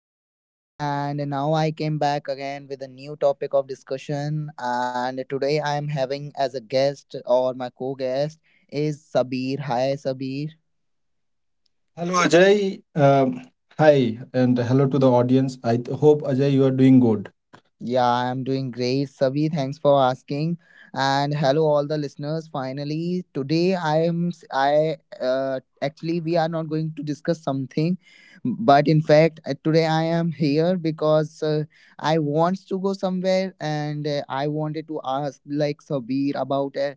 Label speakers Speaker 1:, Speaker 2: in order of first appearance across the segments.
Speaker 1: This side, and now I came back again with a new topic of discussion. And today I am having as a guest or my co guest is Sabir. Hi, Sabir.
Speaker 2: Hello Ajay. Hi and hello to the audience. I hope Ajay you are doing good.
Speaker 1: Yeah, I'm doing great, Savi. Thanks for asking. And hello, all the listeners. Finally, today I am s- I actually we are not going to discuss something, but in fact today I am here because I wants to go somewhere, and I wanted to ask like Sabir about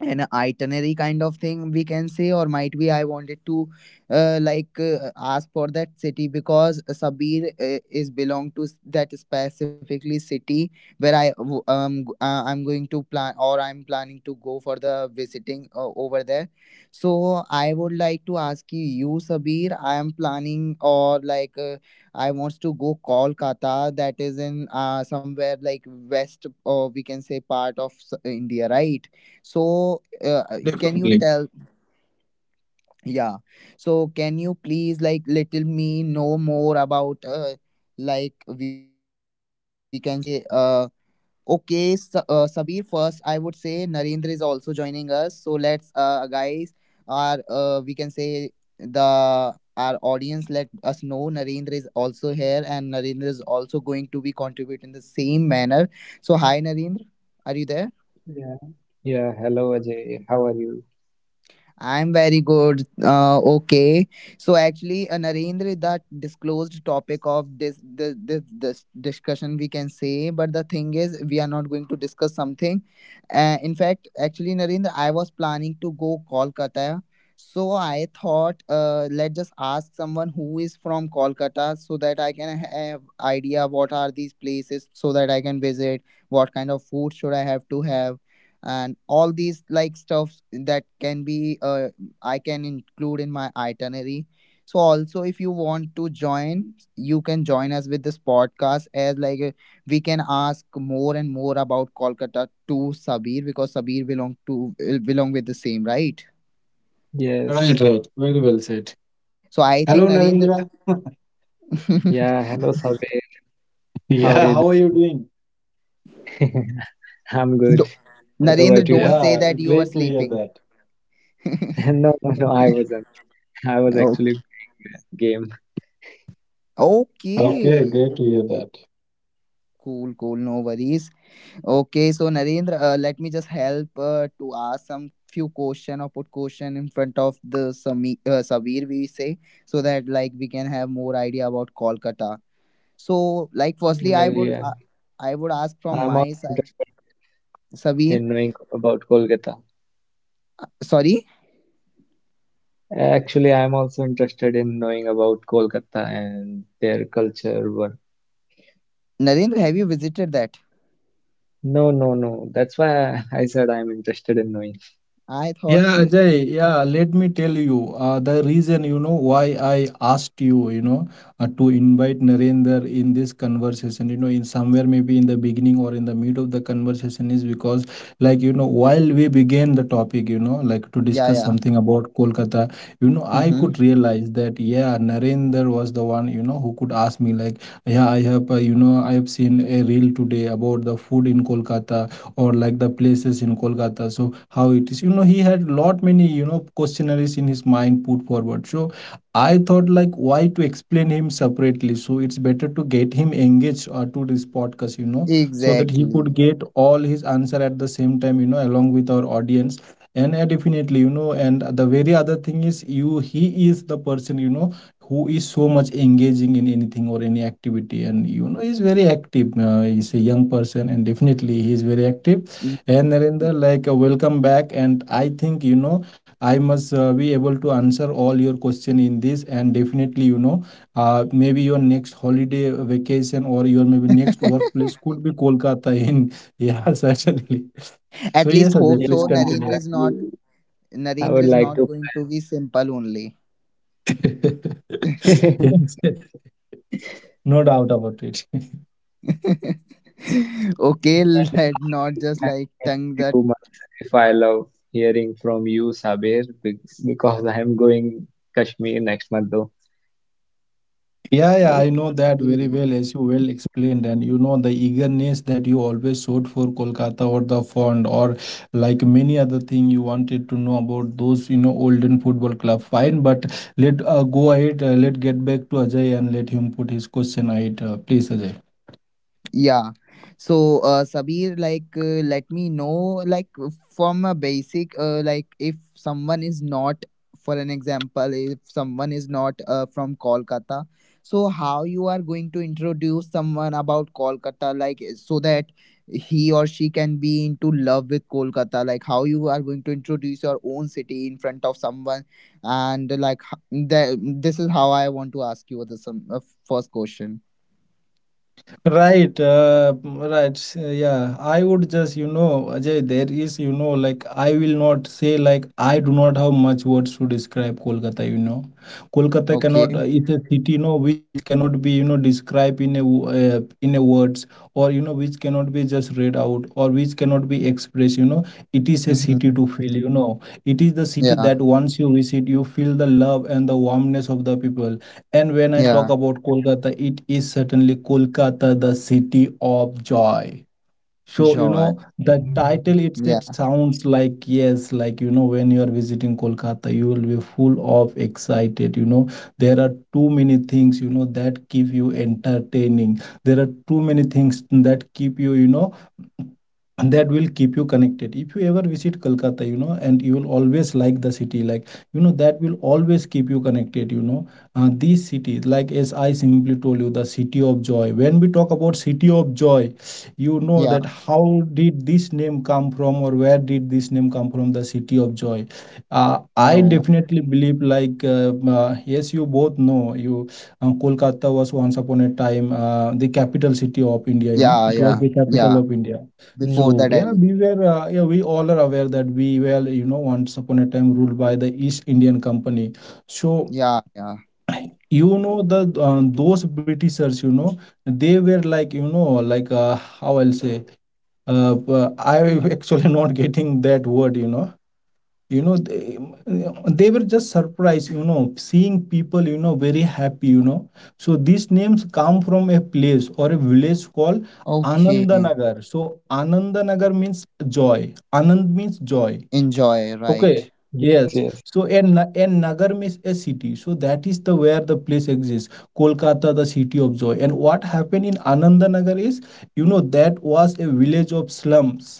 Speaker 1: an itinerary kind of thing we can say, or might be I wanted to ask for that city because sabir is belong to that specifically city where I'm going to plan, or I'm planning to go for the visiting over there. So I would like to ask you, sabir, I am planning, or like I wants to go kolkata, that is in somewhere like west, or we can say part of india, right? So can you
Speaker 2: Definitely.
Speaker 1: tell, yeah, so can you please like little me know more about like we can say okay, sabir, first I would say narendra is also joining us, so let's guys, our we can say the our audience let us know narendra is also here, and narendra is also going to be contribute in the same manner. So hi narendra, are you there?
Speaker 3: Yeah, yeah. Hello, Ajay. How are you?
Speaker 1: I'm very good. Okay. So actually, Narendra, that disclosed topic of this discussion we can say, but the thing is, we are not going to discuss something. Actually, Narendra, I was planning to go Kolkata. So I thought, let's just ask someone who is from Kolkata so that I can have idea what are these places so that I can visit, what kind of food should I have to have, and all these like stuffs that can be I can include in my itinerary. So also if you want to join, you can join us with this podcast as like we can ask more and more about kolkata to sabir because sabir belong to belong with the same, right?
Speaker 2: Right,
Speaker 3: Yes.
Speaker 2: right. Very well said.
Speaker 1: So I
Speaker 2: Hello,
Speaker 1: think narendra.
Speaker 2: Narendra.
Speaker 3: Yeah. Hello, Sabir. How are
Speaker 2: Yeah,
Speaker 3: you
Speaker 2: how are you
Speaker 3: doing?
Speaker 2: doing?
Speaker 3: I'm good.
Speaker 1: Do-
Speaker 3: What
Speaker 1: narendra,
Speaker 3: about you?
Speaker 1: don't say
Speaker 2: Yeah,
Speaker 1: that you were
Speaker 2: great to hear
Speaker 1: sleeping.
Speaker 2: that.
Speaker 3: No, no, no. I wasn't. I was actually
Speaker 1: Okay,
Speaker 3: playing my game.
Speaker 2: Okay,
Speaker 1: okay,
Speaker 2: great to hear
Speaker 1: okay.
Speaker 2: that.
Speaker 1: Cool, cool, no worries.
Speaker 3: Mm,
Speaker 1: Okay, so Narendra, let me just help to ask some few question or put question in front of the Sami, Sabir we say, so that like we can have more idea about Kolkata. So like firstly,
Speaker 3: well, yeah.
Speaker 1: I would ask from
Speaker 3: I'm
Speaker 1: my
Speaker 3: also
Speaker 1: side,
Speaker 3: interested
Speaker 1: Sabir.
Speaker 3: in knowing about Kolkata.
Speaker 1: Sorry,
Speaker 3: Actually, I'm also interested in knowing about Kolkata and their culture. What?
Speaker 1: Narendra, have you visited that?
Speaker 3: No, no, no. That's why I said I'm interested in knowing.
Speaker 1: I thought,
Speaker 2: Yeah, Ajay, yeah, let me tell you the reason, why I asked you, to invite Narendra in this conversation, in somewhere maybe in the beginning or in the mid of the conversation is because, like, while we began the topic, like to
Speaker 1: yeah,
Speaker 2: discuss
Speaker 1: yeah,
Speaker 2: something about Kolkata, I
Speaker 1: mm-hmm.
Speaker 2: could realize that, yeah, Narendra was the one, who could ask me, like, yeah, I have seen a reel today about the food in Kolkata or like the places in Kolkata. So how it is, he had lot many, questionnaires in his mind put forward. So I thought like why to explain him separately. So it's better to get him engaged to this podcast, so that he could
Speaker 1: Exactly.
Speaker 2: get all his answer at the same time, along with our audience. And definitely, and the very other thing is you he is the person, who is so much engaging in anything or any activity, and he's very active, he's a young person and definitely he is very active. And Narendra, like, welcome back, and I think I must be able to answer all your question in this. And definitely, maybe your next holiday vacation or your maybe next workplace could be Kolkata in. Yeah, certainly.
Speaker 1: At
Speaker 2: So
Speaker 1: least
Speaker 2: yes,
Speaker 1: hope
Speaker 2: Ajay, please
Speaker 1: so.
Speaker 3: Yeah,
Speaker 1: Narendra
Speaker 2: continue.
Speaker 3: I
Speaker 1: is not.
Speaker 3: will. I
Speaker 1: Narendra
Speaker 3: would
Speaker 1: is
Speaker 3: like
Speaker 1: not
Speaker 3: to
Speaker 1: going to
Speaker 3: plan.
Speaker 1: be simple only.
Speaker 2: Yes, no doubt about it.
Speaker 1: Okay,
Speaker 3: Well,
Speaker 1: let
Speaker 3: I
Speaker 1: not
Speaker 3: will
Speaker 1: just like
Speaker 3: plan in
Speaker 1: tongue that.
Speaker 3: few months if I love hearing from you, Sabir, because I am going Kashmir next month though.
Speaker 2: Yeah, yeah, I know that very
Speaker 1: Okay.
Speaker 2: well, as you well explained, and
Speaker 3: Mhm.
Speaker 2: you know the eagerness that you always showed for Kolkata or the fond or like many other thing you wanted to know about those, olden football club. Fine, but let go ahead. Let get back to Ajay and let him put his question ahead. Please, Ajay.
Speaker 1: Yeah. So, Sabir, like, let me know, like, from a basic, like, if someone is not, for an example, if someone is not from Kolkata, so how you are going to introduce someone about Kolkata, like, so that he or she can be into love with Kolkata, like, how you are going to introduce your own city in front of someone, and like, that, this is how I want to ask you the some first question.
Speaker 2: Right, right. Yeah, I would just, Ajay, there is, like I will not say like I do not have much words to describe Kolkata. Kolkata cannot.
Speaker 1: Okay.
Speaker 2: It's a city, which cannot be, described in in a words, or which cannot be just read out, or which cannot be expressed. It is a city
Speaker 1: Mm-hmm.
Speaker 2: to feel. It is the city that
Speaker 1: Yeah,
Speaker 2: once you visit, you feel the love and the warmness of the people. And when I
Speaker 1: yeah,
Speaker 2: talk about Kolkata, it is certainly Kolkata, the city of joy. So,
Speaker 1: joy.
Speaker 2: the title
Speaker 3: Mm,
Speaker 2: it
Speaker 1: Yeah,
Speaker 2: sounds like yes, like, when you are visiting Kolkata, you will be full of excited. There are too many things, that keep you entertaining. There are too many things that keep you and that will keep you connected. If you ever visit Kolkata, and you will always like the city, like, that will always keep you connected. These cities, like as I simply told you, the city of joy. When we talk about city of joy,
Speaker 1: yeah,
Speaker 2: that how did this name come from, or where did this name come from, the city of joy. I
Speaker 1: no.
Speaker 2: definitely believe like yes you both know you. Kolkata was once upon a time the capital city of India,
Speaker 1: Yeah,
Speaker 2: it
Speaker 1: yeah,
Speaker 2: was the
Speaker 1: yeah.
Speaker 2: capital of India.
Speaker 1: Before
Speaker 2: So
Speaker 1: the
Speaker 3: mm,
Speaker 1: Delhi.
Speaker 2: yeah, we were yeah we all are aware that we were once upon a time ruled by the East Indian Company. So.
Speaker 1: Yeah, yeah.
Speaker 2: you know the those Britishers, they were like, like, how I'll say, but I actually not getting that word. You know, they, they were just surprised, seeing people, very happy. So these names come from a place or a village called
Speaker 1: Okay,
Speaker 2: Anandanagar. So Anandanagar means joy. Anand means joy.
Speaker 1: enjoy,
Speaker 2: Okay.
Speaker 1: right?
Speaker 2: Yes.
Speaker 3: yes,
Speaker 2: So
Speaker 3: yes.
Speaker 2: and Nagar means a city. So that is the where the place exists. Kolkata, the city of joy. And what happened in Anandanagar is that was a village of slums,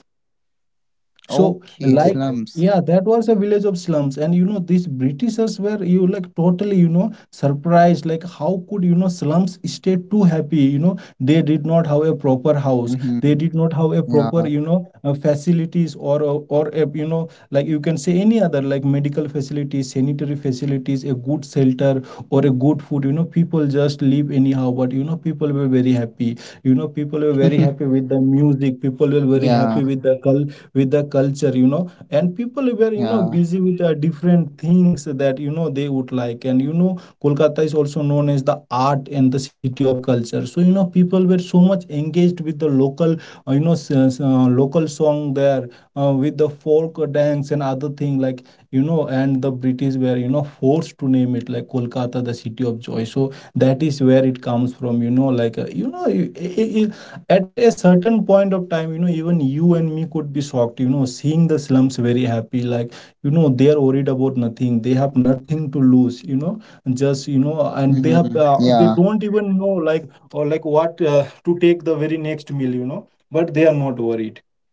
Speaker 2: so,
Speaker 1: Okay,
Speaker 2: like,
Speaker 3: The,
Speaker 1: slums.
Speaker 2: yeah, that was a village of slums. These Britishers were, you like, totally, surprised. Like, how could, slums stay too happy? They did not have a proper house. They
Speaker 1: Mm-hmm.
Speaker 2: did not have a proper,
Speaker 1: Yeah,
Speaker 2: facilities or, a, like you can say any other, like medical facilities, sanitary facilities, a good shelter or a good food. People just live anyhow. But, people were very happy. People were very happy with the music. People were very happy
Speaker 1: yeah,
Speaker 2: with the culture, and people were
Speaker 1: yeah.
Speaker 2: busy with different things that they would like, and Kolkata is also known as the art and the city of culture. So people were so much engaged with the local, local song there, with the folk dance and other thing, like, and the British were forced to name it like Kolkata, the city of joy. So that is where it comes from, like, at a certain point of time, even you and me could be shocked, seeing the slums very happy, like, they are worried about nothing, they have nothing to lose, and just, and they have
Speaker 1: Mm-hmm.
Speaker 2: they don't
Speaker 1: Yeah,
Speaker 2: even know, like or like what to take the very next meal, but they are not worried,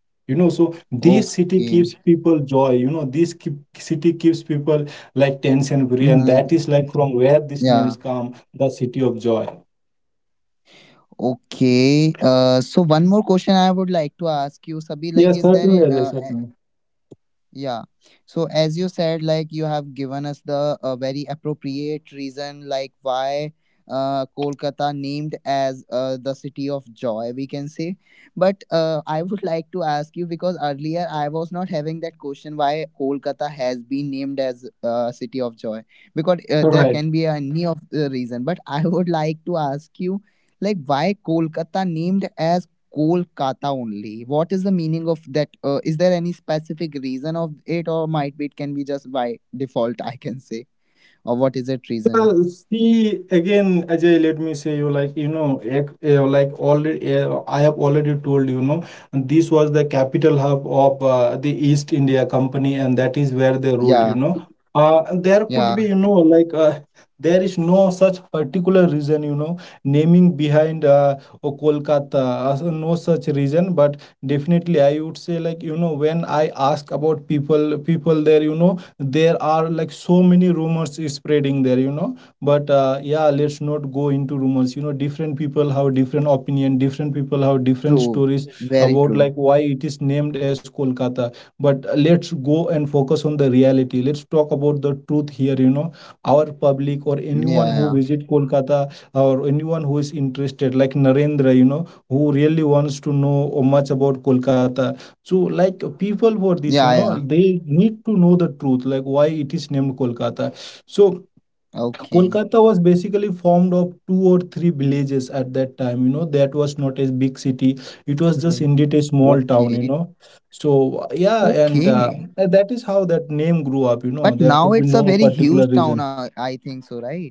Speaker 2: so this city keeps
Speaker 1: okay.
Speaker 2: people joy, city keeps people like tension free, and that
Speaker 1: Mm-hmm.
Speaker 2: is like from where these names
Speaker 1: Yeah,
Speaker 2: come, the city of joy.
Speaker 1: okay. So one more question I would like to ask you, Sabi, like,
Speaker 2: Yes, certainly, Ajay,
Speaker 1: uh,
Speaker 2: certainly.
Speaker 1: yeah. So as you said, like you have given us the very appropriate reason, like why Kolkata named as the city of joy, we can say. But I would like to ask you because earlier I was not having that question why Kolkata has been named as city of joy because
Speaker 2: All
Speaker 1: there
Speaker 2: right.
Speaker 1: can be any of the reason. But I would like to ask you, like why Kolkata named as Kolkata only. What is the meaning of that? Is there any specific reason of it, or might be it can be just by default? I can say, or what is that reason?
Speaker 2: Well, see again, Ajay, let me say you like, like already I have already told, this was the capital hub of the East India Company, and that is where they ruled,
Speaker 1: Yeah,
Speaker 2: there could be
Speaker 1: yeah,
Speaker 2: like there is no such particular reason, naming behind oh, Kolkata, so no such reason. But definitely I would say, like, when I ask about people there, there are like so many rumors spreading there, but yeah, let's not go into rumors, different people have different opinion, different people have different
Speaker 1: true,
Speaker 2: stories
Speaker 1: very
Speaker 2: about
Speaker 1: true.
Speaker 2: like why it is named as Kolkata. But let's go and focus on the reality, let's talk about the truth here, our public or
Speaker 1: Yeah,
Speaker 2: anyone who
Speaker 1: yeah,
Speaker 2: visit Kolkata, or anyone who is interested like Narendra, who really wants to know much about Kolkata. So, like, people for this,
Speaker 1: yeah, yeah.
Speaker 2: they need to know the truth, like why it is named Kolkata. So,
Speaker 1: Okay,
Speaker 2: Kolkata was basically formed of two or three villages at that time. That was not a big city; it was just indeed a
Speaker 3: mm,
Speaker 2: small town. You
Speaker 1: okay,
Speaker 2: know, so yeah, and
Speaker 1: okay.
Speaker 2: that is how that name grew up. You know,
Speaker 1: But
Speaker 2: there
Speaker 1: now
Speaker 2: could be
Speaker 1: it's a
Speaker 2: no
Speaker 1: very
Speaker 2: particular
Speaker 1: huge town.
Speaker 2: reason.
Speaker 1: I think so, right?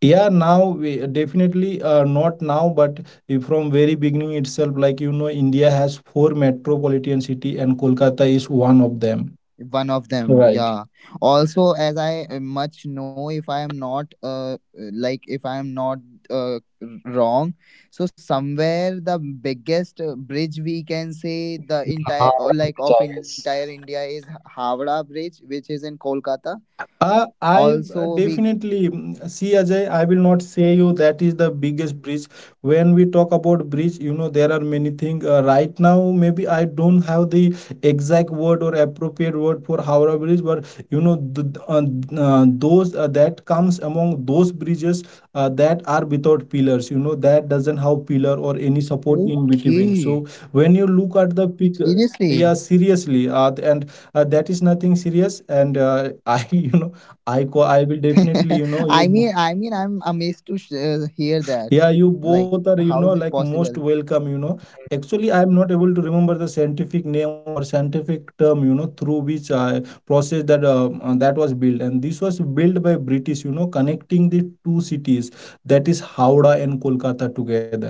Speaker 2: Yeah, now we definitely, not now, but if from very beginning itself, like, India has four metropolitan city, and Kolkata is one of them.
Speaker 1: One of them,
Speaker 2: Right.
Speaker 1: yeah. Also as I much know, if I am not like if I am not uh wrong, so somewhere the biggest bridge we can say the
Speaker 3: the
Speaker 1: entire,
Speaker 3: Hamra
Speaker 1: or
Speaker 3: Bridge,
Speaker 1: like
Speaker 3: I
Speaker 1: of entire
Speaker 3: guess.
Speaker 1: india, is havra bridge, which is in kolkata.
Speaker 2: I
Speaker 1: Also we,
Speaker 2: definitely, see Ajay, I will not say you that is the biggest bridge. When we talk about bridge, there are many things. Right now, maybe I don't have the exact word or appropriate word for Howrah Bridge, but you know th- th- th- those that comes among those bridges, that are without pillars. That doesn't have pillar or any support in between. So
Speaker 1: okay,
Speaker 2: when you look at the picture, yeah,
Speaker 1: seriously.
Speaker 2: seriously, th- and that is nothing serious, and I you know I will definitely,
Speaker 1: I
Speaker 2: you
Speaker 1: mean, I'm amazed to hear
Speaker 2: yeah,
Speaker 1: that,
Speaker 2: you both are,
Speaker 1: like
Speaker 2: like
Speaker 1: how is it
Speaker 2: most
Speaker 1: possible?
Speaker 2: welcome. Actually,
Speaker 3: Mm,
Speaker 2: I am not able to remember the scientific name or scientific term, through which I process that was built, and this was built by British, connecting the two cities that is Howrah and Kolkata together.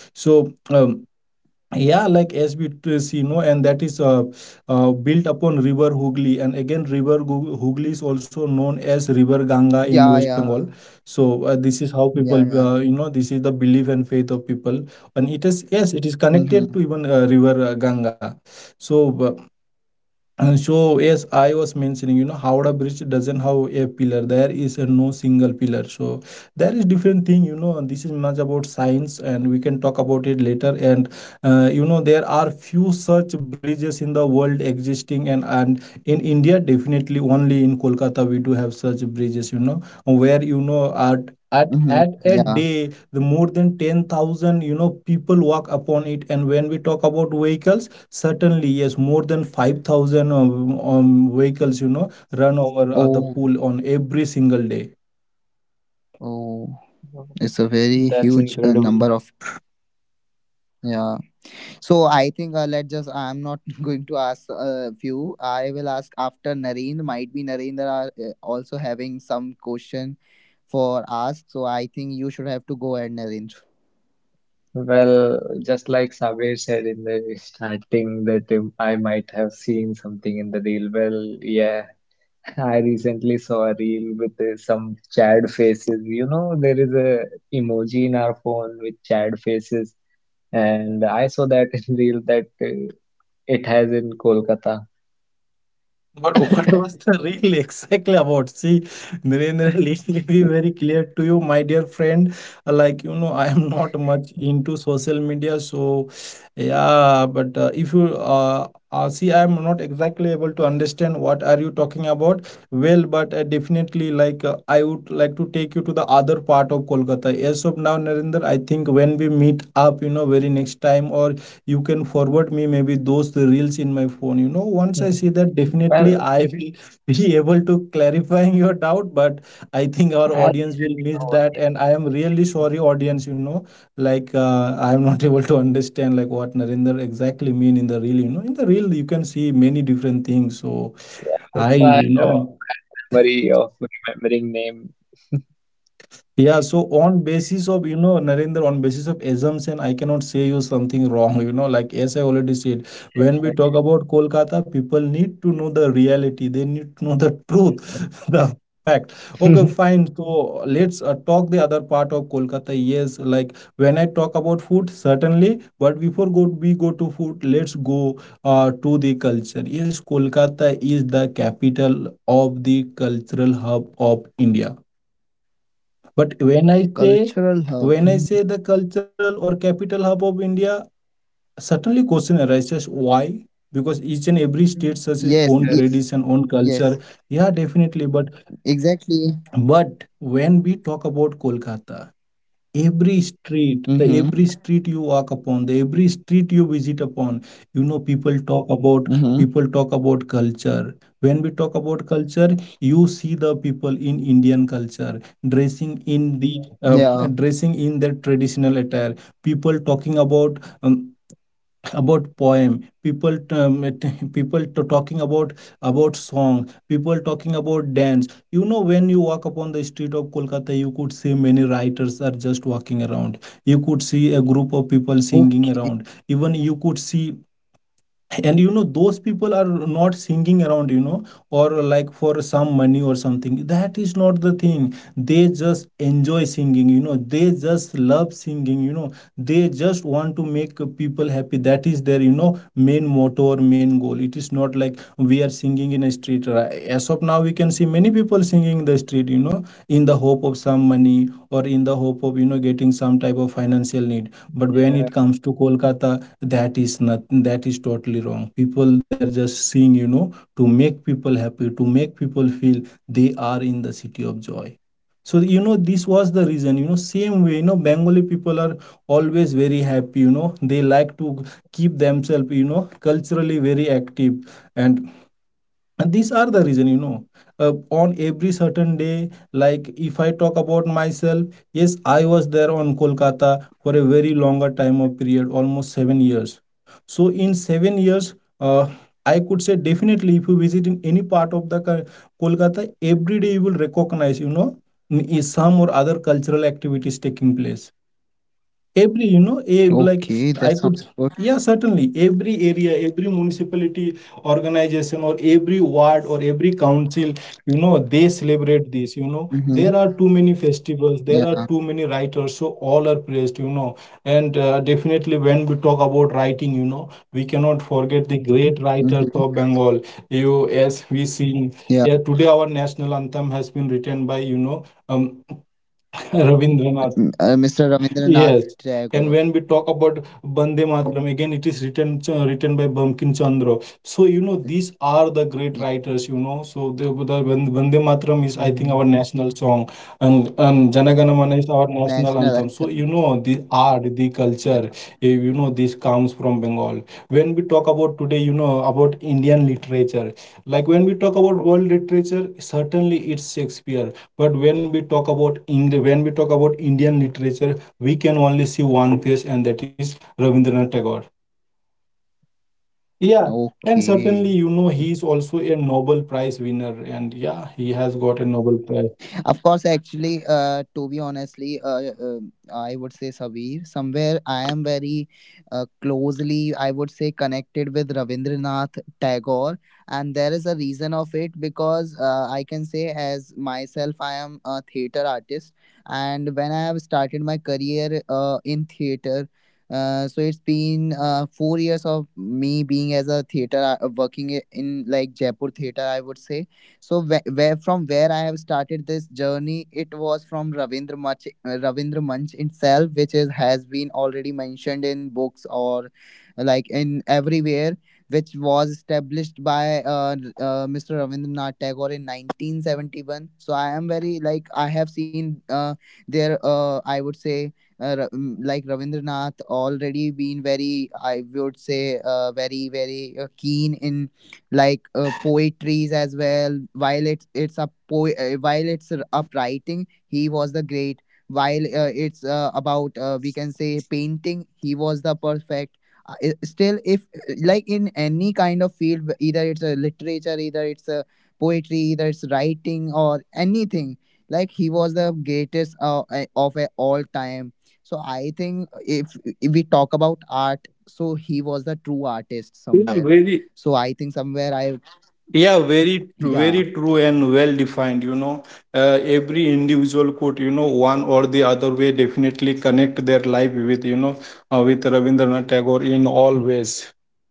Speaker 2: So. See, no, and that is built upon River Hooghly, and again, Hooghly is also known as River Ganga in West
Speaker 1: Yeah,
Speaker 2: Bengal.
Speaker 1: yeah,
Speaker 2: So this is how people,
Speaker 1: yeah,
Speaker 3: mm,
Speaker 2: uh,
Speaker 1: yeah.
Speaker 2: you know, this is the belief and faith of people, and it is yes, it is connected to
Speaker 1: Mm-hmm.
Speaker 2: even River Ganga. So. Uh, so, as I was mentioning, you know, Howrah Bridge doesn't have a pillar. There is a no single pillar. So there is different thing, you know. This is much about science, and we can talk about it later. And you know, there are few such bridges in the world existing, and in India, definitely only in Kolkata we do have such bridges. You know, where you know at
Speaker 1: Mhm.
Speaker 2: a
Speaker 1: Yeah.
Speaker 2: day the more than 10,000 you know people walk upon it. And when we talk about vehicles, certainly yes, more than 5,000 vehicles you know run over the
Speaker 1: Oh,
Speaker 2: pool on every single day.
Speaker 1: oh, it's a
Speaker 3: that's
Speaker 1: very huge
Speaker 3: incredible.
Speaker 1: number of. Yeah. So I think let's just, I'm not going to ask a few. I will ask after Narendra. Might be Narendra are also having some question for ask. So I think you should have to go ahead, Narendra.
Speaker 3: Well, just like Sabir said in the starting that I might have seen something in the reel. Well, yeah, I recently saw a reel with some chad faces. You know, there is a emoji in our phone with chad faces, and I saw that in reel that it has in Kolkata.
Speaker 2: But what was the reel exactly about? See, Narendra, let me be very clear to you, my dear friend. Like, you know, I am not much into social media. So, yeah, but if you see, I am not exactly able to understand what are you talking about. Well, but definitely, like, I would like to take you to the other part of Kolkata. As of now, Narendra, I think when we meet up, you know, very next time, or you can forward me maybe those reels in my phone, you know. Once I
Speaker 3: Hmm.
Speaker 2: see that, definitely
Speaker 3: Well,
Speaker 2: I will be able to clarifying your doubt. But I think our
Speaker 3: I'll
Speaker 2: audience will
Speaker 3: share you
Speaker 2: miss
Speaker 3: no
Speaker 2: that, and
Speaker 3: worries.
Speaker 2: I am really sorry audience, you know. I am not able to understand like what Narendra exactly mean in the reel. You know, in the reel you can see many different things. So
Speaker 3: Yeah,
Speaker 2: I
Speaker 3: also
Speaker 2: you
Speaker 3: I have a
Speaker 2: know.
Speaker 3: bad memory of remembering name.
Speaker 2: Yeah, so on basis of, you know, Narendra, on basis of assumption, I cannot say you something wrong, you know, like as I already said,
Speaker 3: Yeah,
Speaker 2: when
Speaker 3: yeah, I
Speaker 2: we talk
Speaker 3: agree.
Speaker 2: about Kolkata, people need to know the reality, they need to know the truth,
Speaker 3: Hmm.
Speaker 2: the fact. Okay, fine. So let's talk the other part of Kolkata. Yes, like when I talk about food, certainly, but before go we go to food, let's go to the culture. Yes, Kolkata is the capital of the cultural hub of India. But when I say
Speaker 1: Cultural hub.
Speaker 2: when I say
Speaker 3: Hmm.
Speaker 2: the cultural or capital hub of India, certainly question arises why? Because each and every state has its
Speaker 1: Yes.
Speaker 2: own
Speaker 1: Ye-
Speaker 3: Yes.
Speaker 2: tradition, own
Speaker 1: yes.
Speaker 2: culture. Yeah, definitely. But
Speaker 1: Exactly.
Speaker 2: but when we talk about Kolkata,
Speaker 1: Mhm.
Speaker 2: every street you walk upon, the every street you visit upon, you know, people talk about
Speaker 1: Mhm.
Speaker 2: people talk about culture. When we talk about culture, you see the people in Indian culture dressing in the uh,
Speaker 1: Yeah.
Speaker 2: dressing in their traditional attire, people talking about poem, people t- people t- talking about song, people talking about dance. You know, when you walk upon the street of Kolkata, you could see many writers are just walking around, you could see a group of people singing
Speaker 1: Okay.
Speaker 2: around, even you could see. And you know those people are not singing around, you know, or like for some money or something. That is not the thing. They just enjoy singing, you know, they just love singing, you know. They just want to make people happy. That is their, you know, main motto or main goal. It is not like we are singing in a street. As of now we can see many people singing in the street, you know, in the hope of some money, or in the hope of, you know, getting some type of financial need. But when it
Speaker 3: Yeah.
Speaker 2: comes to Kolkata, that is nothing, that is totally wrong. People, they're just seeing, you know, to make people happy, to make people feel they are in the city of joy. So, you know, this was the reason. You know, same way, you know, Bengali people are always very happy, you know, they like to keep themselves, you know, culturally very active. And these are the reason, you know, uh, on every certain day, like if I talk about myself, yes, I was there on Kolkata for a very longer time of period, almost 7 years. So in 7 years, uh, I could say definitely if you visit in any part of Kolkata, every day you will recognize, you know, is some or other cultural activities taking place every, you know, a like.
Speaker 1: Okay.
Speaker 2: I
Speaker 1: That
Speaker 2: could.
Speaker 1: sounds good.
Speaker 2: Yeah, certainly every area, every municipality, organization, or every ward or every council, you know, they celebrate this, you know. There are
Speaker 1: Mhm.
Speaker 2: too many festivals, there are
Speaker 1: Yeah.
Speaker 2: too many writers, so all are praised, you know. And definitely when we talk about writing, you know, we cannot forget the great
Speaker 3: Hmm.
Speaker 2: writers
Speaker 1: Mhm.
Speaker 2: of Bengal. You, as we see, yeah,
Speaker 1: Yeah.
Speaker 2: today our national anthem has been written by, you know, um, Rabindranath.
Speaker 1: Mr.
Speaker 2: Yes,
Speaker 1: Ravindranath
Speaker 2: and
Speaker 1: Tagore.
Speaker 2: when we talk about Bande Mataram, again it is written by Bankim Chandra. So you know these are the great
Speaker 1: Yeah.
Speaker 2: writers. You know, so the Bande Mataram is I think our
Speaker 3: Hmm.
Speaker 2: national song, and Janagana Mana is our national
Speaker 1: National
Speaker 2: anthem. So you
Speaker 1: anthem.
Speaker 2: know the art, the
Speaker 1: Yeah.
Speaker 2: culture, you know this comes from Bengal. When we talk about today, you know, about Indian literature, like when we talk about world literature, certainly it's Shakespeare. But when we talk about England, when we talk about Indian literature, we can only see one face, and that is Rabindranath Tagore. Yeah, and certainly, you
Speaker 1: Okay.
Speaker 2: know, he is
Speaker 3: Hmm.
Speaker 2: also a Nobel Prize winner, and yeah, he has got a Nobel Prize.
Speaker 1: Of course, actually, to be honestly, I would say Sabir, somewhere I am very closely, I would say, connected with Ravindranath Tagore. And there is a reason of it because I can say, as myself, I am a theater artist. And when I have started my career in theater, so it's been 4 years of me being as a theater working in like Jaipur theater, I would say. So where, from where I have started this journey, it was from Ravindra Munch itself, which is has been already mentioned in books or like in everywhere, which was established by Mr. Ravindranath Tagore in 1971. So I am very, like I have seen their I would say. Like Ravindranath already been very, I would say very very keen in like poetries as well. While while up writing, he was the great. While it's about we can say painting, he was the perfect still. If like in any kind of field, either it's a literature, either it's a poetry, either it's writing, or anything, like he was the greatest of all time. So I think if we talk about art, so he was the true artist
Speaker 2: Yeah,
Speaker 1: somewhere.
Speaker 2: very
Speaker 1: So I think somewhere I,
Speaker 2: Yeah, very,
Speaker 1: yeah,
Speaker 2: very true and well defined. You know, every individual could, you know, one or the other way definitely connect their life with, you know, with Rabindranath Tagore in all
Speaker 3: Hmm.
Speaker 2: ways.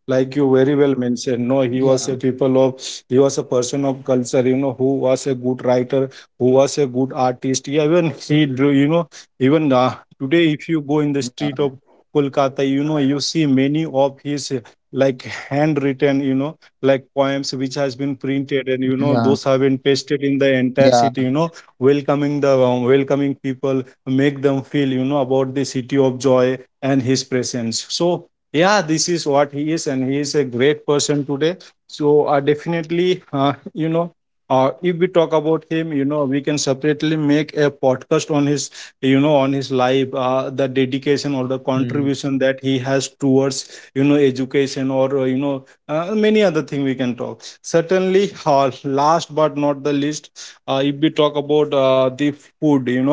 Speaker 2: Like you very well mentioned, no, he was
Speaker 1: yeah,
Speaker 2: a people of, he was a person of culture, you know, who was a good writer, who was a good artist. Yeah, even he, drew, you know, even today, if you go in the street
Speaker 1: yeah,
Speaker 2: of Kolkata, you know, you see many of his like handwritten, you know, like poems which has been printed, and you know
Speaker 1: yeah,
Speaker 2: those have been pasted in the entire
Speaker 1: yeah.
Speaker 2: city, you know, welcoming the welcoming people, make them feel, you know, about the city of joy and his presence. So yeah, this is what he is, and he is a great person today. So definitely you know, if we talk about him, you know, we can separately make a podcast on his, you know, on his life, the dedication or the
Speaker 3: Hmm.
Speaker 2: contribution that he has towards, you know, education or, you know, many other thing we can talk. Certainly, last but not the least, if we talk about the food, you know,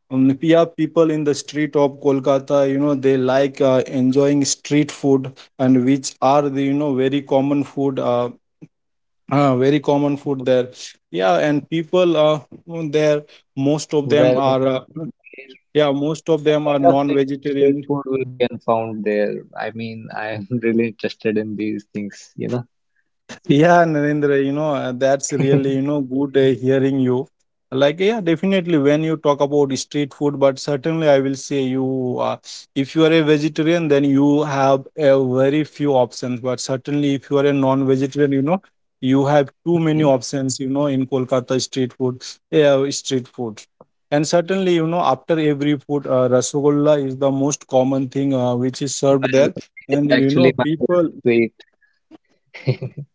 Speaker 2: yeah, people in the street of Kolkata, you know, they like enjoying street food, and which are the, you know, very common food, very common food
Speaker 3: Um,
Speaker 2: there. Yeah, and people there, most of them are
Speaker 3: Well, Sabir,
Speaker 2: yeah, most of
Speaker 3: what
Speaker 2: them are
Speaker 3: kind of
Speaker 2: non
Speaker 3: a
Speaker 2: vegetarian.
Speaker 3: street food we can found there? I mean, I'm really interested in these things, you know.
Speaker 2: Yeah, Narendra, you know, that's really, you know, good hearing you. Like, yeah, definitely when you talk about street food, but certainly I will say you, if you are a vegetarian, then you have a very few options. But certainly if you are a non-vegetarian, you know, you have too many
Speaker 3: Mm,
Speaker 2: options, you know, in Kolkata street food, yeah, street food. And certainly, you know, after every food, Rasagolla is the most common thing which is served there.
Speaker 3: well, it is
Speaker 2: And, you know,
Speaker 3: actually my
Speaker 2: people.
Speaker 3: favorite sweet.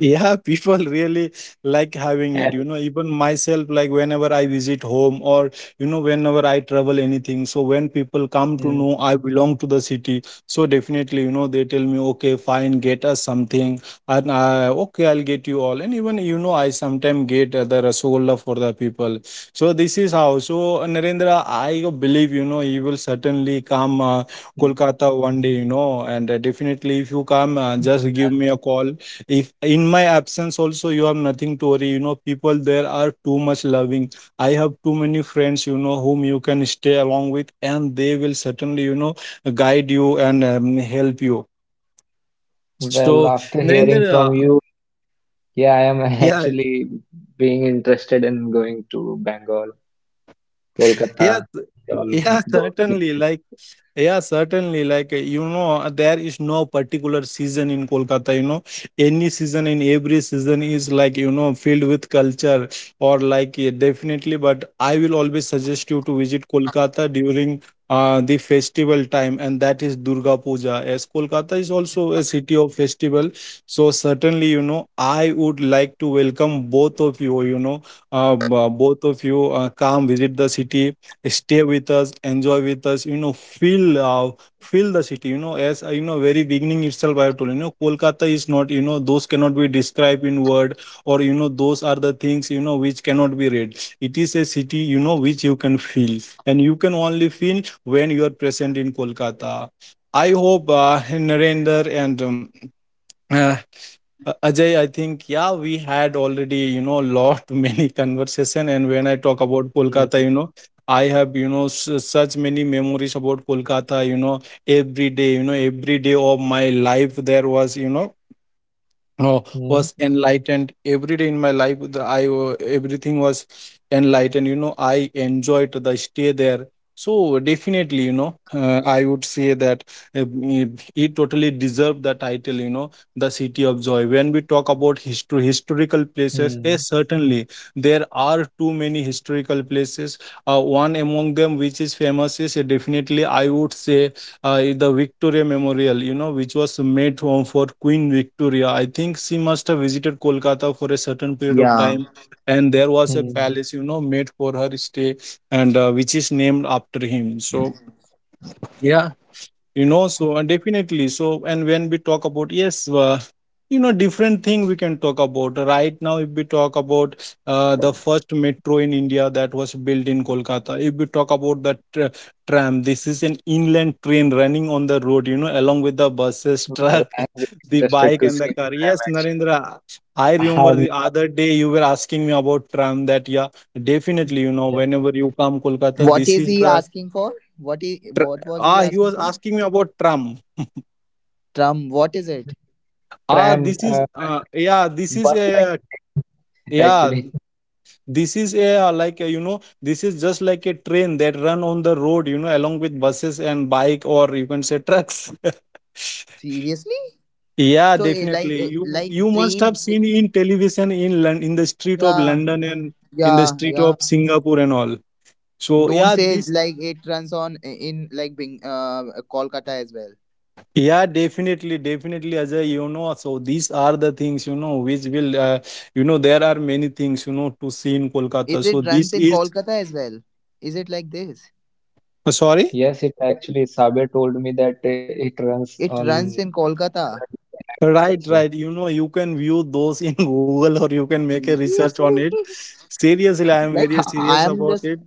Speaker 2: Yeah, people really like having it, you
Speaker 3: And
Speaker 2: know, even myself, like whenever I visit home, or you know, whenever I travel anything. So when people come to know
Speaker 3: mm,
Speaker 2: I belong to the city, so definitely, you know, they tell me okay fine, get us something. And I, okay I'll get you all. And even, you know, I sometimes get the rasogolla for the people. So this is how. So Narendra, I believe, you know, he will certainly come
Speaker 3: mm,
Speaker 2: Kolkata one day, you know. And definitely if you come, just give me
Speaker 3: well,
Speaker 2: a call. If in my absence also you have nothing to worry, you know, people there are too much loving. I have too many friends, you know, whom you can stay along with, and they will certainly, you know, guide you and help you. So
Speaker 3: well, after
Speaker 2: Narendra,
Speaker 3: hearing from you, yeah, I am
Speaker 2: yeah.
Speaker 3: actually being interested in going to Bengal,
Speaker 2: Yes,
Speaker 3: Kolkata, and all
Speaker 2: yeah,
Speaker 3: those
Speaker 2: certainly,
Speaker 3: places.
Speaker 2: like. Yeah, certainly. Like, you know, there is no particular season in Kolkata, you know. Any season in every season is like, filled with culture or like, yeah, definitely. But I will always suggest you to visit Kolkata during the festival time, and that is Durga Puja. As Kolkata is also a city of festival, so certainly, I would like to welcome both of you, both of you come visit the city, stay with us, enjoy with us, feel, feel the city. As very beginning itself, I have told you, you know Kolkata is not, those cannot be described in word, or those are the things, which cannot be read. It is a city, which you can feel, and you can only feel when you are present in Kolkata. I hope Narendra and uh, Ajay, I think, yeah, we had already, lot many conversation. And when I talk about Kolkata,
Speaker 3: Mm,
Speaker 2: I have, such many memories about Kolkata, every day, every day of my life there was, uh,
Speaker 3: mm,
Speaker 2: was enlightened every day in my life, everything was enlightened. I enjoyed the stay there. So definitely, I would say that uh, it totally deserved the title, the city of joy. When we talk about history, historical places,
Speaker 3: mm,
Speaker 2: yes, certainly there are too many historical places. One among them which is famous is, definitely I would say, the Victoria Memorial, you know, which was made for Queen Victoria. I think she must have visited Kolkata for a certain period of
Speaker 1: Yeah.
Speaker 2: time, and there was a
Speaker 3: mm.
Speaker 2: palace, you know, made for her stay, and which is named after him. So, yeah, definitely. So, and when we talk about, yes, different thing we can talk about right now. If we talk about the first metro in India, that was built in Kolkata. If we talk about the tram, this is an inland train running on the road, you know, along with the buses,
Speaker 3: Well,
Speaker 2: truck
Speaker 3: I am really
Speaker 2: the
Speaker 3: interested
Speaker 2: bike
Speaker 3: to
Speaker 2: and the
Speaker 3: see
Speaker 2: car.
Speaker 3: tram
Speaker 2: Yes,
Speaker 3: actually.
Speaker 2: Narendra, I
Speaker 3: I
Speaker 2: remember
Speaker 3: have
Speaker 2: the
Speaker 3: never,
Speaker 2: other
Speaker 3: s-
Speaker 2: day you were asking me about tram. That Yeah, definitely,
Speaker 3: Yeah,
Speaker 2: whenever you come Kolkata,
Speaker 1: What
Speaker 2: this
Speaker 1: is
Speaker 2: is
Speaker 1: he
Speaker 2: the
Speaker 1: asking for? What is,
Speaker 2: tr-
Speaker 1: what was he
Speaker 2: he
Speaker 1: asking
Speaker 2: was
Speaker 1: for?
Speaker 2: asking me about tram.
Speaker 1: Trump. What is it?
Speaker 2: Ah,
Speaker 3: tram,
Speaker 2: this is
Speaker 3: bus like train
Speaker 2: yeah,
Speaker 3: actually.
Speaker 2: this is a, this is just like a train that run on the road, you know, along with buses and bike, or you can say trucks.
Speaker 1: Seriously?
Speaker 2: Yeah,
Speaker 1: So
Speaker 2: definitely.
Speaker 1: eh,
Speaker 2: You
Speaker 1: like
Speaker 2: you must have
Speaker 1: train.
Speaker 2: seen in television in in the street of
Speaker 1: Yeah.
Speaker 2: London and in the
Speaker 1: Yeah.
Speaker 2: street
Speaker 1: Yeah.
Speaker 2: of Singapore and all. So
Speaker 1: Don't
Speaker 2: yeah,
Speaker 1: say
Speaker 2: this,
Speaker 1: like it runs on eh, in like Bing, Kolkata as well.
Speaker 2: yeah, definitely, definitely, Ajay. You know, so these are the things, you know which will you know there are many things, you know, to see in
Speaker 1: Is
Speaker 2: Kolkata. So
Speaker 1: it
Speaker 2: this
Speaker 1: runs in
Speaker 2: is,
Speaker 1: Kolkata as well? Is it like this?
Speaker 2: uh, sorry?
Speaker 3: Yes, it actually, Sabe told me that it runs
Speaker 1: It
Speaker 3: on
Speaker 1: runs in
Speaker 3: current
Speaker 1: Kolkata.
Speaker 3: time also.
Speaker 2: Right, right. You know, you can view those in Google, or you can make a research on it.
Speaker 1: Seriously?
Speaker 2: Seriously, I am
Speaker 1: Like
Speaker 2: very
Speaker 1: I
Speaker 2: serious
Speaker 1: am
Speaker 2: about
Speaker 1: just,
Speaker 2: it.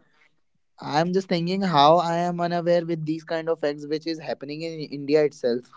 Speaker 1: I am just thinking how I am unaware with these kind of facts which is happening in India itself.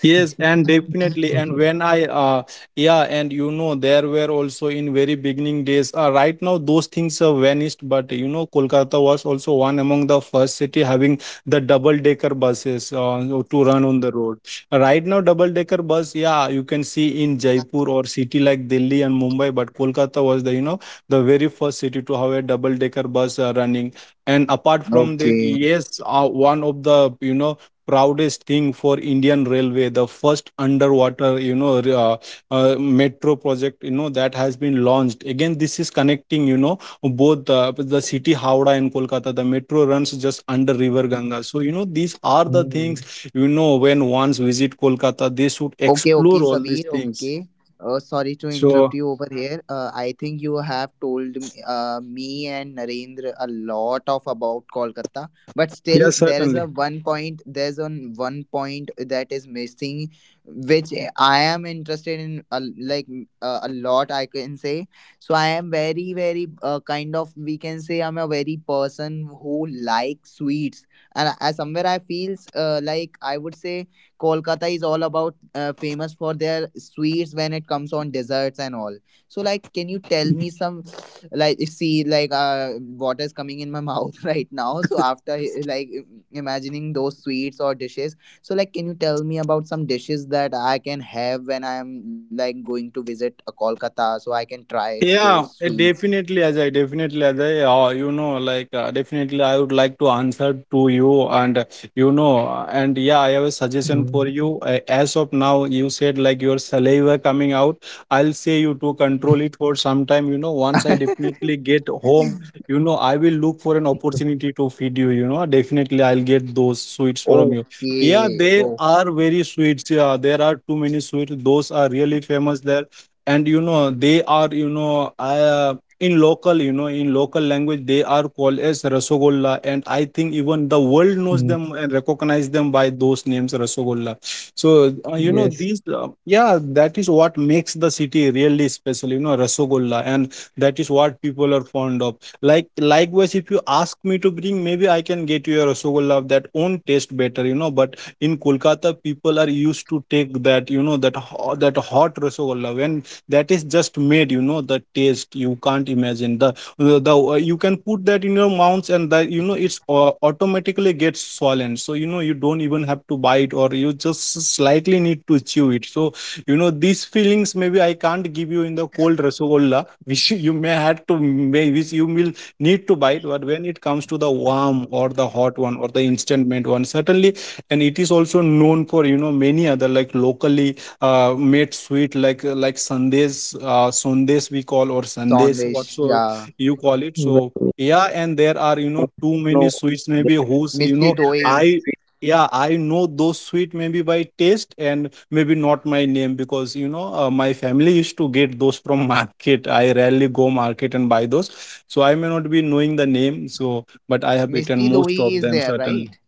Speaker 2: Yes, and definitely. And when I Yeah, and you know, there were also in very beginning days, right now those things have vanished, but you know, Kolkata was also one among the first city having the double decker buses, to run on the road. Right now double decker bus, yeah, you can see in Jaipur or city like Delhi and Mumbai, but Kolkata was the, you know, the very first city to have a double decker bus running. And apart from that,
Speaker 1: Okay.
Speaker 2: yes, one of the, you know, proudest thing for Indian Railway, the first underwater, you know, metro project, you know, that has been launched. Again, this is connecting, you know, both the city Howrah and Kolkata. The metro runs just under River
Speaker 3: Mm,
Speaker 2: Ganga. So, you know, these are the things, you know, when ones visit Kolkata, they should
Speaker 1: Okay, okay,
Speaker 2: explore all these
Speaker 1: Sabir.
Speaker 2: things.
Speaker 1: Okay. Sorry to
Speaker 2: So,
Speaker 1: interrupt you over here. I think you have told me and Narendra a lot of about Kolkata, but still
Speaker 2: yes,
Speaker 1: there is
Speaker 2: certainly.
Speaker 1: a one point. There's on one point that is missing, which I am interested in. A, like a lot, I can say. So I am very, very kind of we can say I'm a very person who likes sweets, and somewhere I feels like I would say Kolkata is all about famous for their sweets when it comes on desserts and all. So like, can you tell me some like, see like water is coming in my mouth right now. So after like imagining those sweets or dishes, so like, can you tell me about some dishes that I can have when I'm like going to visit Kolkata, so I can try
Speaker 2: Yeah,
Speaker 1: those sweets.
Speaker 2: definitely, Ajay. Definitely, Ajay. Definitely, I would like to answer to you. And yeah, I have a suggestion
Speaker 3: mm,
Speaker 2: for you. As of now, you said like your saliva coming out. I'll say you to control it for some time. You know, once I definitely get home, you know, I will look for an opportunity to feed you. You know, definitely, I'll get those sweets from you. Yeah,
Speaker 1: Okay.
Speaker 2: there
Speaker 1: Oh,
Speaker 2: are very sweets. Yeah, there are too many sweets. Those are really famous there, and you know, they are, in local, in local language, they are called as rasagolla, and I think even the world knows
Speaker 3: mm.
Speaker 2: them and recognize them by those names, rasagolla. So you know
Speaker 3: Yes,
Speaker 2: these yeah, that is what makes the city really special, you know, rasagolla, and that is what people are fond of. Like, likewise, if you ask me to bring, maybe I can get you a rasagolla of that own taste better, you know, but in Kolkata, people are used to take that, you know, that hot rasagolla when that is just made, you know, the taste you can't imagine. The, you can put that in your mouth, and that you know it's au- automatically gets swollen, so you know, you don't even have to bite, or you just slightly need to chew it. So you know, these feelings maybe I can't give you in the cold rasogolla which you may have to may which you will need to bite. But when it comes to the warm or the hot one or the instant mint one, certainly. And it is also known for, you know, many other like locally made sweet, like, sandesh, sundes we call, or sandesh,
Speaker 1: Sandesh.
Speaker 2: what so
Speaker 1: Yeah.
Speaker 2: you call it. So
Speaker 3: well,
Speaker 2: yeah, and there are, you know,
Speaker 3: I
Speaker 2: too
Speaker 3: don't know
Speaker 2: many
Speaker 3: what's
Speaker 2: sweets,
Speaker 3: on
Speaker 2: maybe
Speaker 3: this.
Speaker 2: whose you
Speaker 1: Misty
Speaker 2: know
Speaker 3: Is it
Speaker 1: Doi.
Speaker 2: I.
Speaker 3: sweet?
Speaker 2: Yeah, I know those sweet maybe by taste, and maybe not my name, because you know, my family used to get those from market. I rarely go market and buy those, so I may not be knowing the name. So, but I have eaten
Speaker 1: Misty
Speaker 2: most
Speaker 1: dohi
Speaker 2: of
Speaker 1: is
Speaker 2: them,
Speaker 1: there,
Speaker 2: certainly.
Speaker 1: right?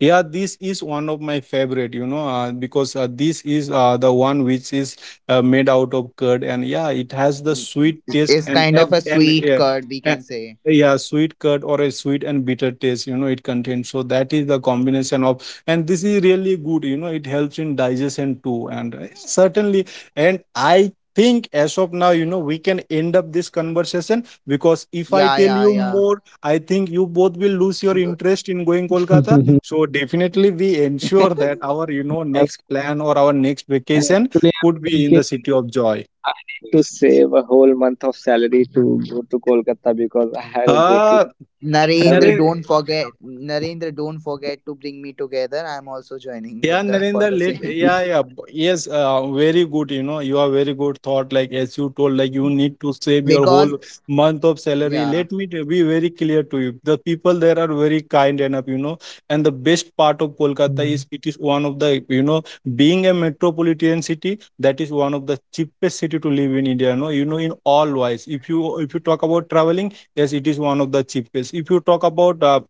Speaker 2: Yeah, this is one of my favorite, you know, because this is the one which is made out of curd, and yeah, it has the sweet taste
Speaker 1: It's
Speaker 2: and
Speaker 1: kind of
Speaker 2: ab-
Speaker 1: a
Speaker 2: and
Speaker 1: sweet curd, we
Speaker 2: uh,
Speaker 1: can say.
Speaker 2: yeah, sweet curd, or a sweet and bitter taste, you know, it contains. So that is the combination of, and this is really good, you know, it helps in digestion too, and yeah, certainly, and I. Think as of now, you know, we can end up this conversation, because if I
Speaker 1: Yeah,
Speaker 2: tell you
Speaker 1: yeah,
Speaker 2: more, I think you both will lose your
Speaker 1: yeah.
Speaker 2: interest in going Kolkata. So definitely, we ensure that our, you know, next
Speaker 3: Well,
Speaker 2: plan or our next vacation
Speaker 3: actually, I'm
Speaker 2: could be in the
Speaker 3: thinking.
Speaker 2: city of joy.
Speaker 3: I need to save a whole month of salary to go to Kolkata because I'll go to
Speaker 2: Uh
Speaker 3: each and
Speaker 1: Narendra,
Speaker 2: Naren
Speaker 3: every
Speaker 1: don't
Speaker 3: sweet
Speaker 1: forget.
Speaker 3: shop.
Speaker 1: Narendra, don't forget to bring me together. I'm also joining
Speaker 2: Yeah,
Speaker 1: with the for
Speaker 2: Narendra,
Speaker 1: the
Speaker 2: late.
Speaker 1: same.
Speaker 2: Yeah, yeah.
Speaker 3: Yeah.
Speaker 2: Yes, very good. You know, you are very good thought. Like, as you told, like, you need to save your
Speaker 1: Because
Speaker 2: whole month of salary.
Speaker 1: yeah.
Speaker 2: Let me be very clear to you. The people there are very kind enough, you know. And the best part of Kolkata
Speaker 3: Hmm.
Speaker 2: is, it is one of the, you know, being a metropolitan city, that is one of the cheapest city to live in India. No, you know, in all wise. If you talk about traveling, yes, it is one of the cheapest. If you talk about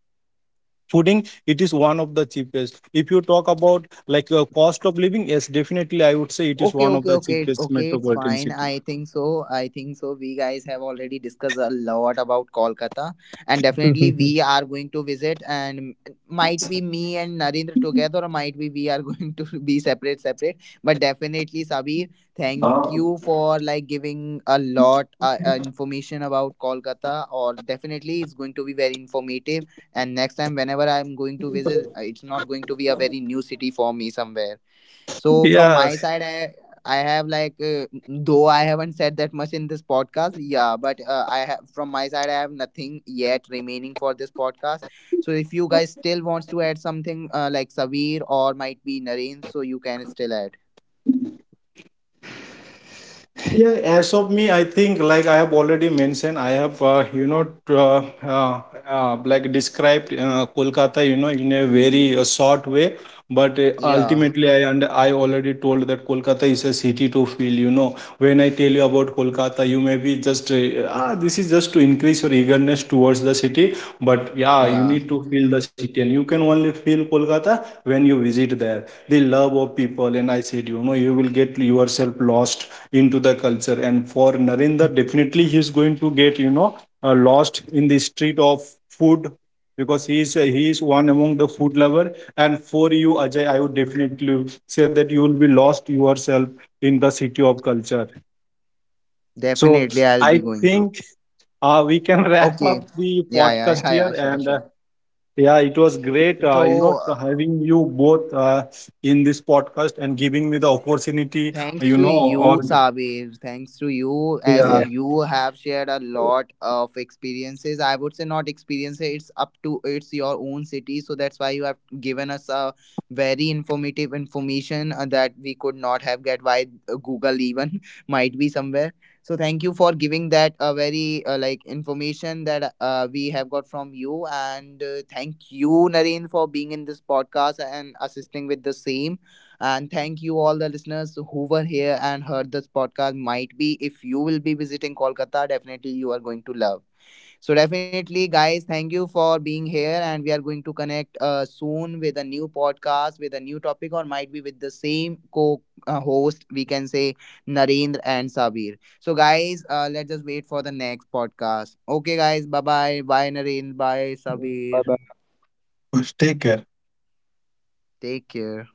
Speaker 2: fooding, it is one of the cheapest. If you talk about, like, cost of living, yes, definitely I would say it is
Speaker 1: Okay,
Speaker 2: one of
Speaker 1: okay,
Speaker 2: the
Speaker 1: okay,
Speaker 2: cheapest
Speaker 1: okay. It's
Speaker 2: metropolitan
Speaker 1: fine.
Speaker 2: city.
Speaker 1: I think so. I think so. We guys have already discussed a lot about Kolkata, and definitely we are going to visit. And might be me and Narendra together, or might be we are going to be separate, separate. But definitely, Sabir, thank you for like giving a lot information about Kolkata. Or definitely, it's going to be very informative. And next time, whenever I'm going to visit, it's not going to be a very new city for me somewhere. So from
Speaker 2: Yeah.
Speaker 1: my side, I have like though I haven't said that much in this podcast, yeah. But I have, from my side, I have nothing yet remaining for this podcast. So if you guys still wants to add something like Savir or might be Naren, so you can still add.
Speaker 2: Yeah, as of me, I think, like, I have already mentioned, I have, uh, like described, Kolkata, you know, in a very short way. But
Speaker 1: Yeah,
Speaker 2: ultimately, I already told that Kolkata is a city to feel. You know, when I tell you about Kolkata, you may be just ah, this is just to increase your eagerness towards the city. But yeah, you
Speaker 1: yeah,
Speaker 2: need to feel the city, and you can only feel Kolkata when you visit there. The love of people, and I said, you know, you will get yourself lost into the culture. And for Narendra, definitely,
Speaker 3: Mm.
Speaker 2: he is going to get, you know, lost in the street of food, because he is one among the food lover. And for you, Ajay, I would definitely say that you will be lost yourself in the city of culture. So
Speaker 1: definitely. I'll be
Speaker 2: I
Speaker 1: going to.
Speaker 2: think we can wrap
Speaker 1: Okay.
Speaker 2: up the
Speaker 1: Yeah, yeah,
Speaker 2: podcast
Speaker 1: yeah, yeah.
Speaker 2: here.
Speaker 1: Sure,
Speaker 2: And
Speaker 1: sure.
Speaker 2: yeah, it was great,
Speaker 1: So
Speaker 2: having you both in this podcast and giving me the opportunity,
Speaker 1: thanks
Speaker 2: you
Speaker 1: to
Speaker 2: know,
Speaker 1: you,
Speaker 2: or
Speaker 1: Sabir. Thanks to you, as
Speaker 2: yeah,
Speaker 3: Yeah,
Speaker 1: you
Speaker 3: thank
Speaker 1: have
Speaker 3: you,
Speaker 1: shared a
Speaker 3: Sabir.
Speaker 1: lot of experiences. I would say not experiences. It's up to it's your own city, so that's why you have given us a very informative information that we could not have get by Google even might be somewhere. So thank you for giving that a very like information that we have got from you, and thank you, Naren, for being in this podcast and assisting with the same, and thank you all the listeners who were here and heard this podcast. Might be if you will be visiting Kolkata, definitely you are going to love. So definitely, guys, thank you for being here, and we are going to connect soon with a new podcast with a new topic, or might be with the same co-host. We can say Narendra and Sabir. So guys, let's just wait for the next podcast. Okay, guys, bye bye, bye Narendra, bye
Speaker 3: Bye
Speaker 1: Sabir.
Speaker 3: bye.
Speaker 2: take care.
Speaker 1: Take care.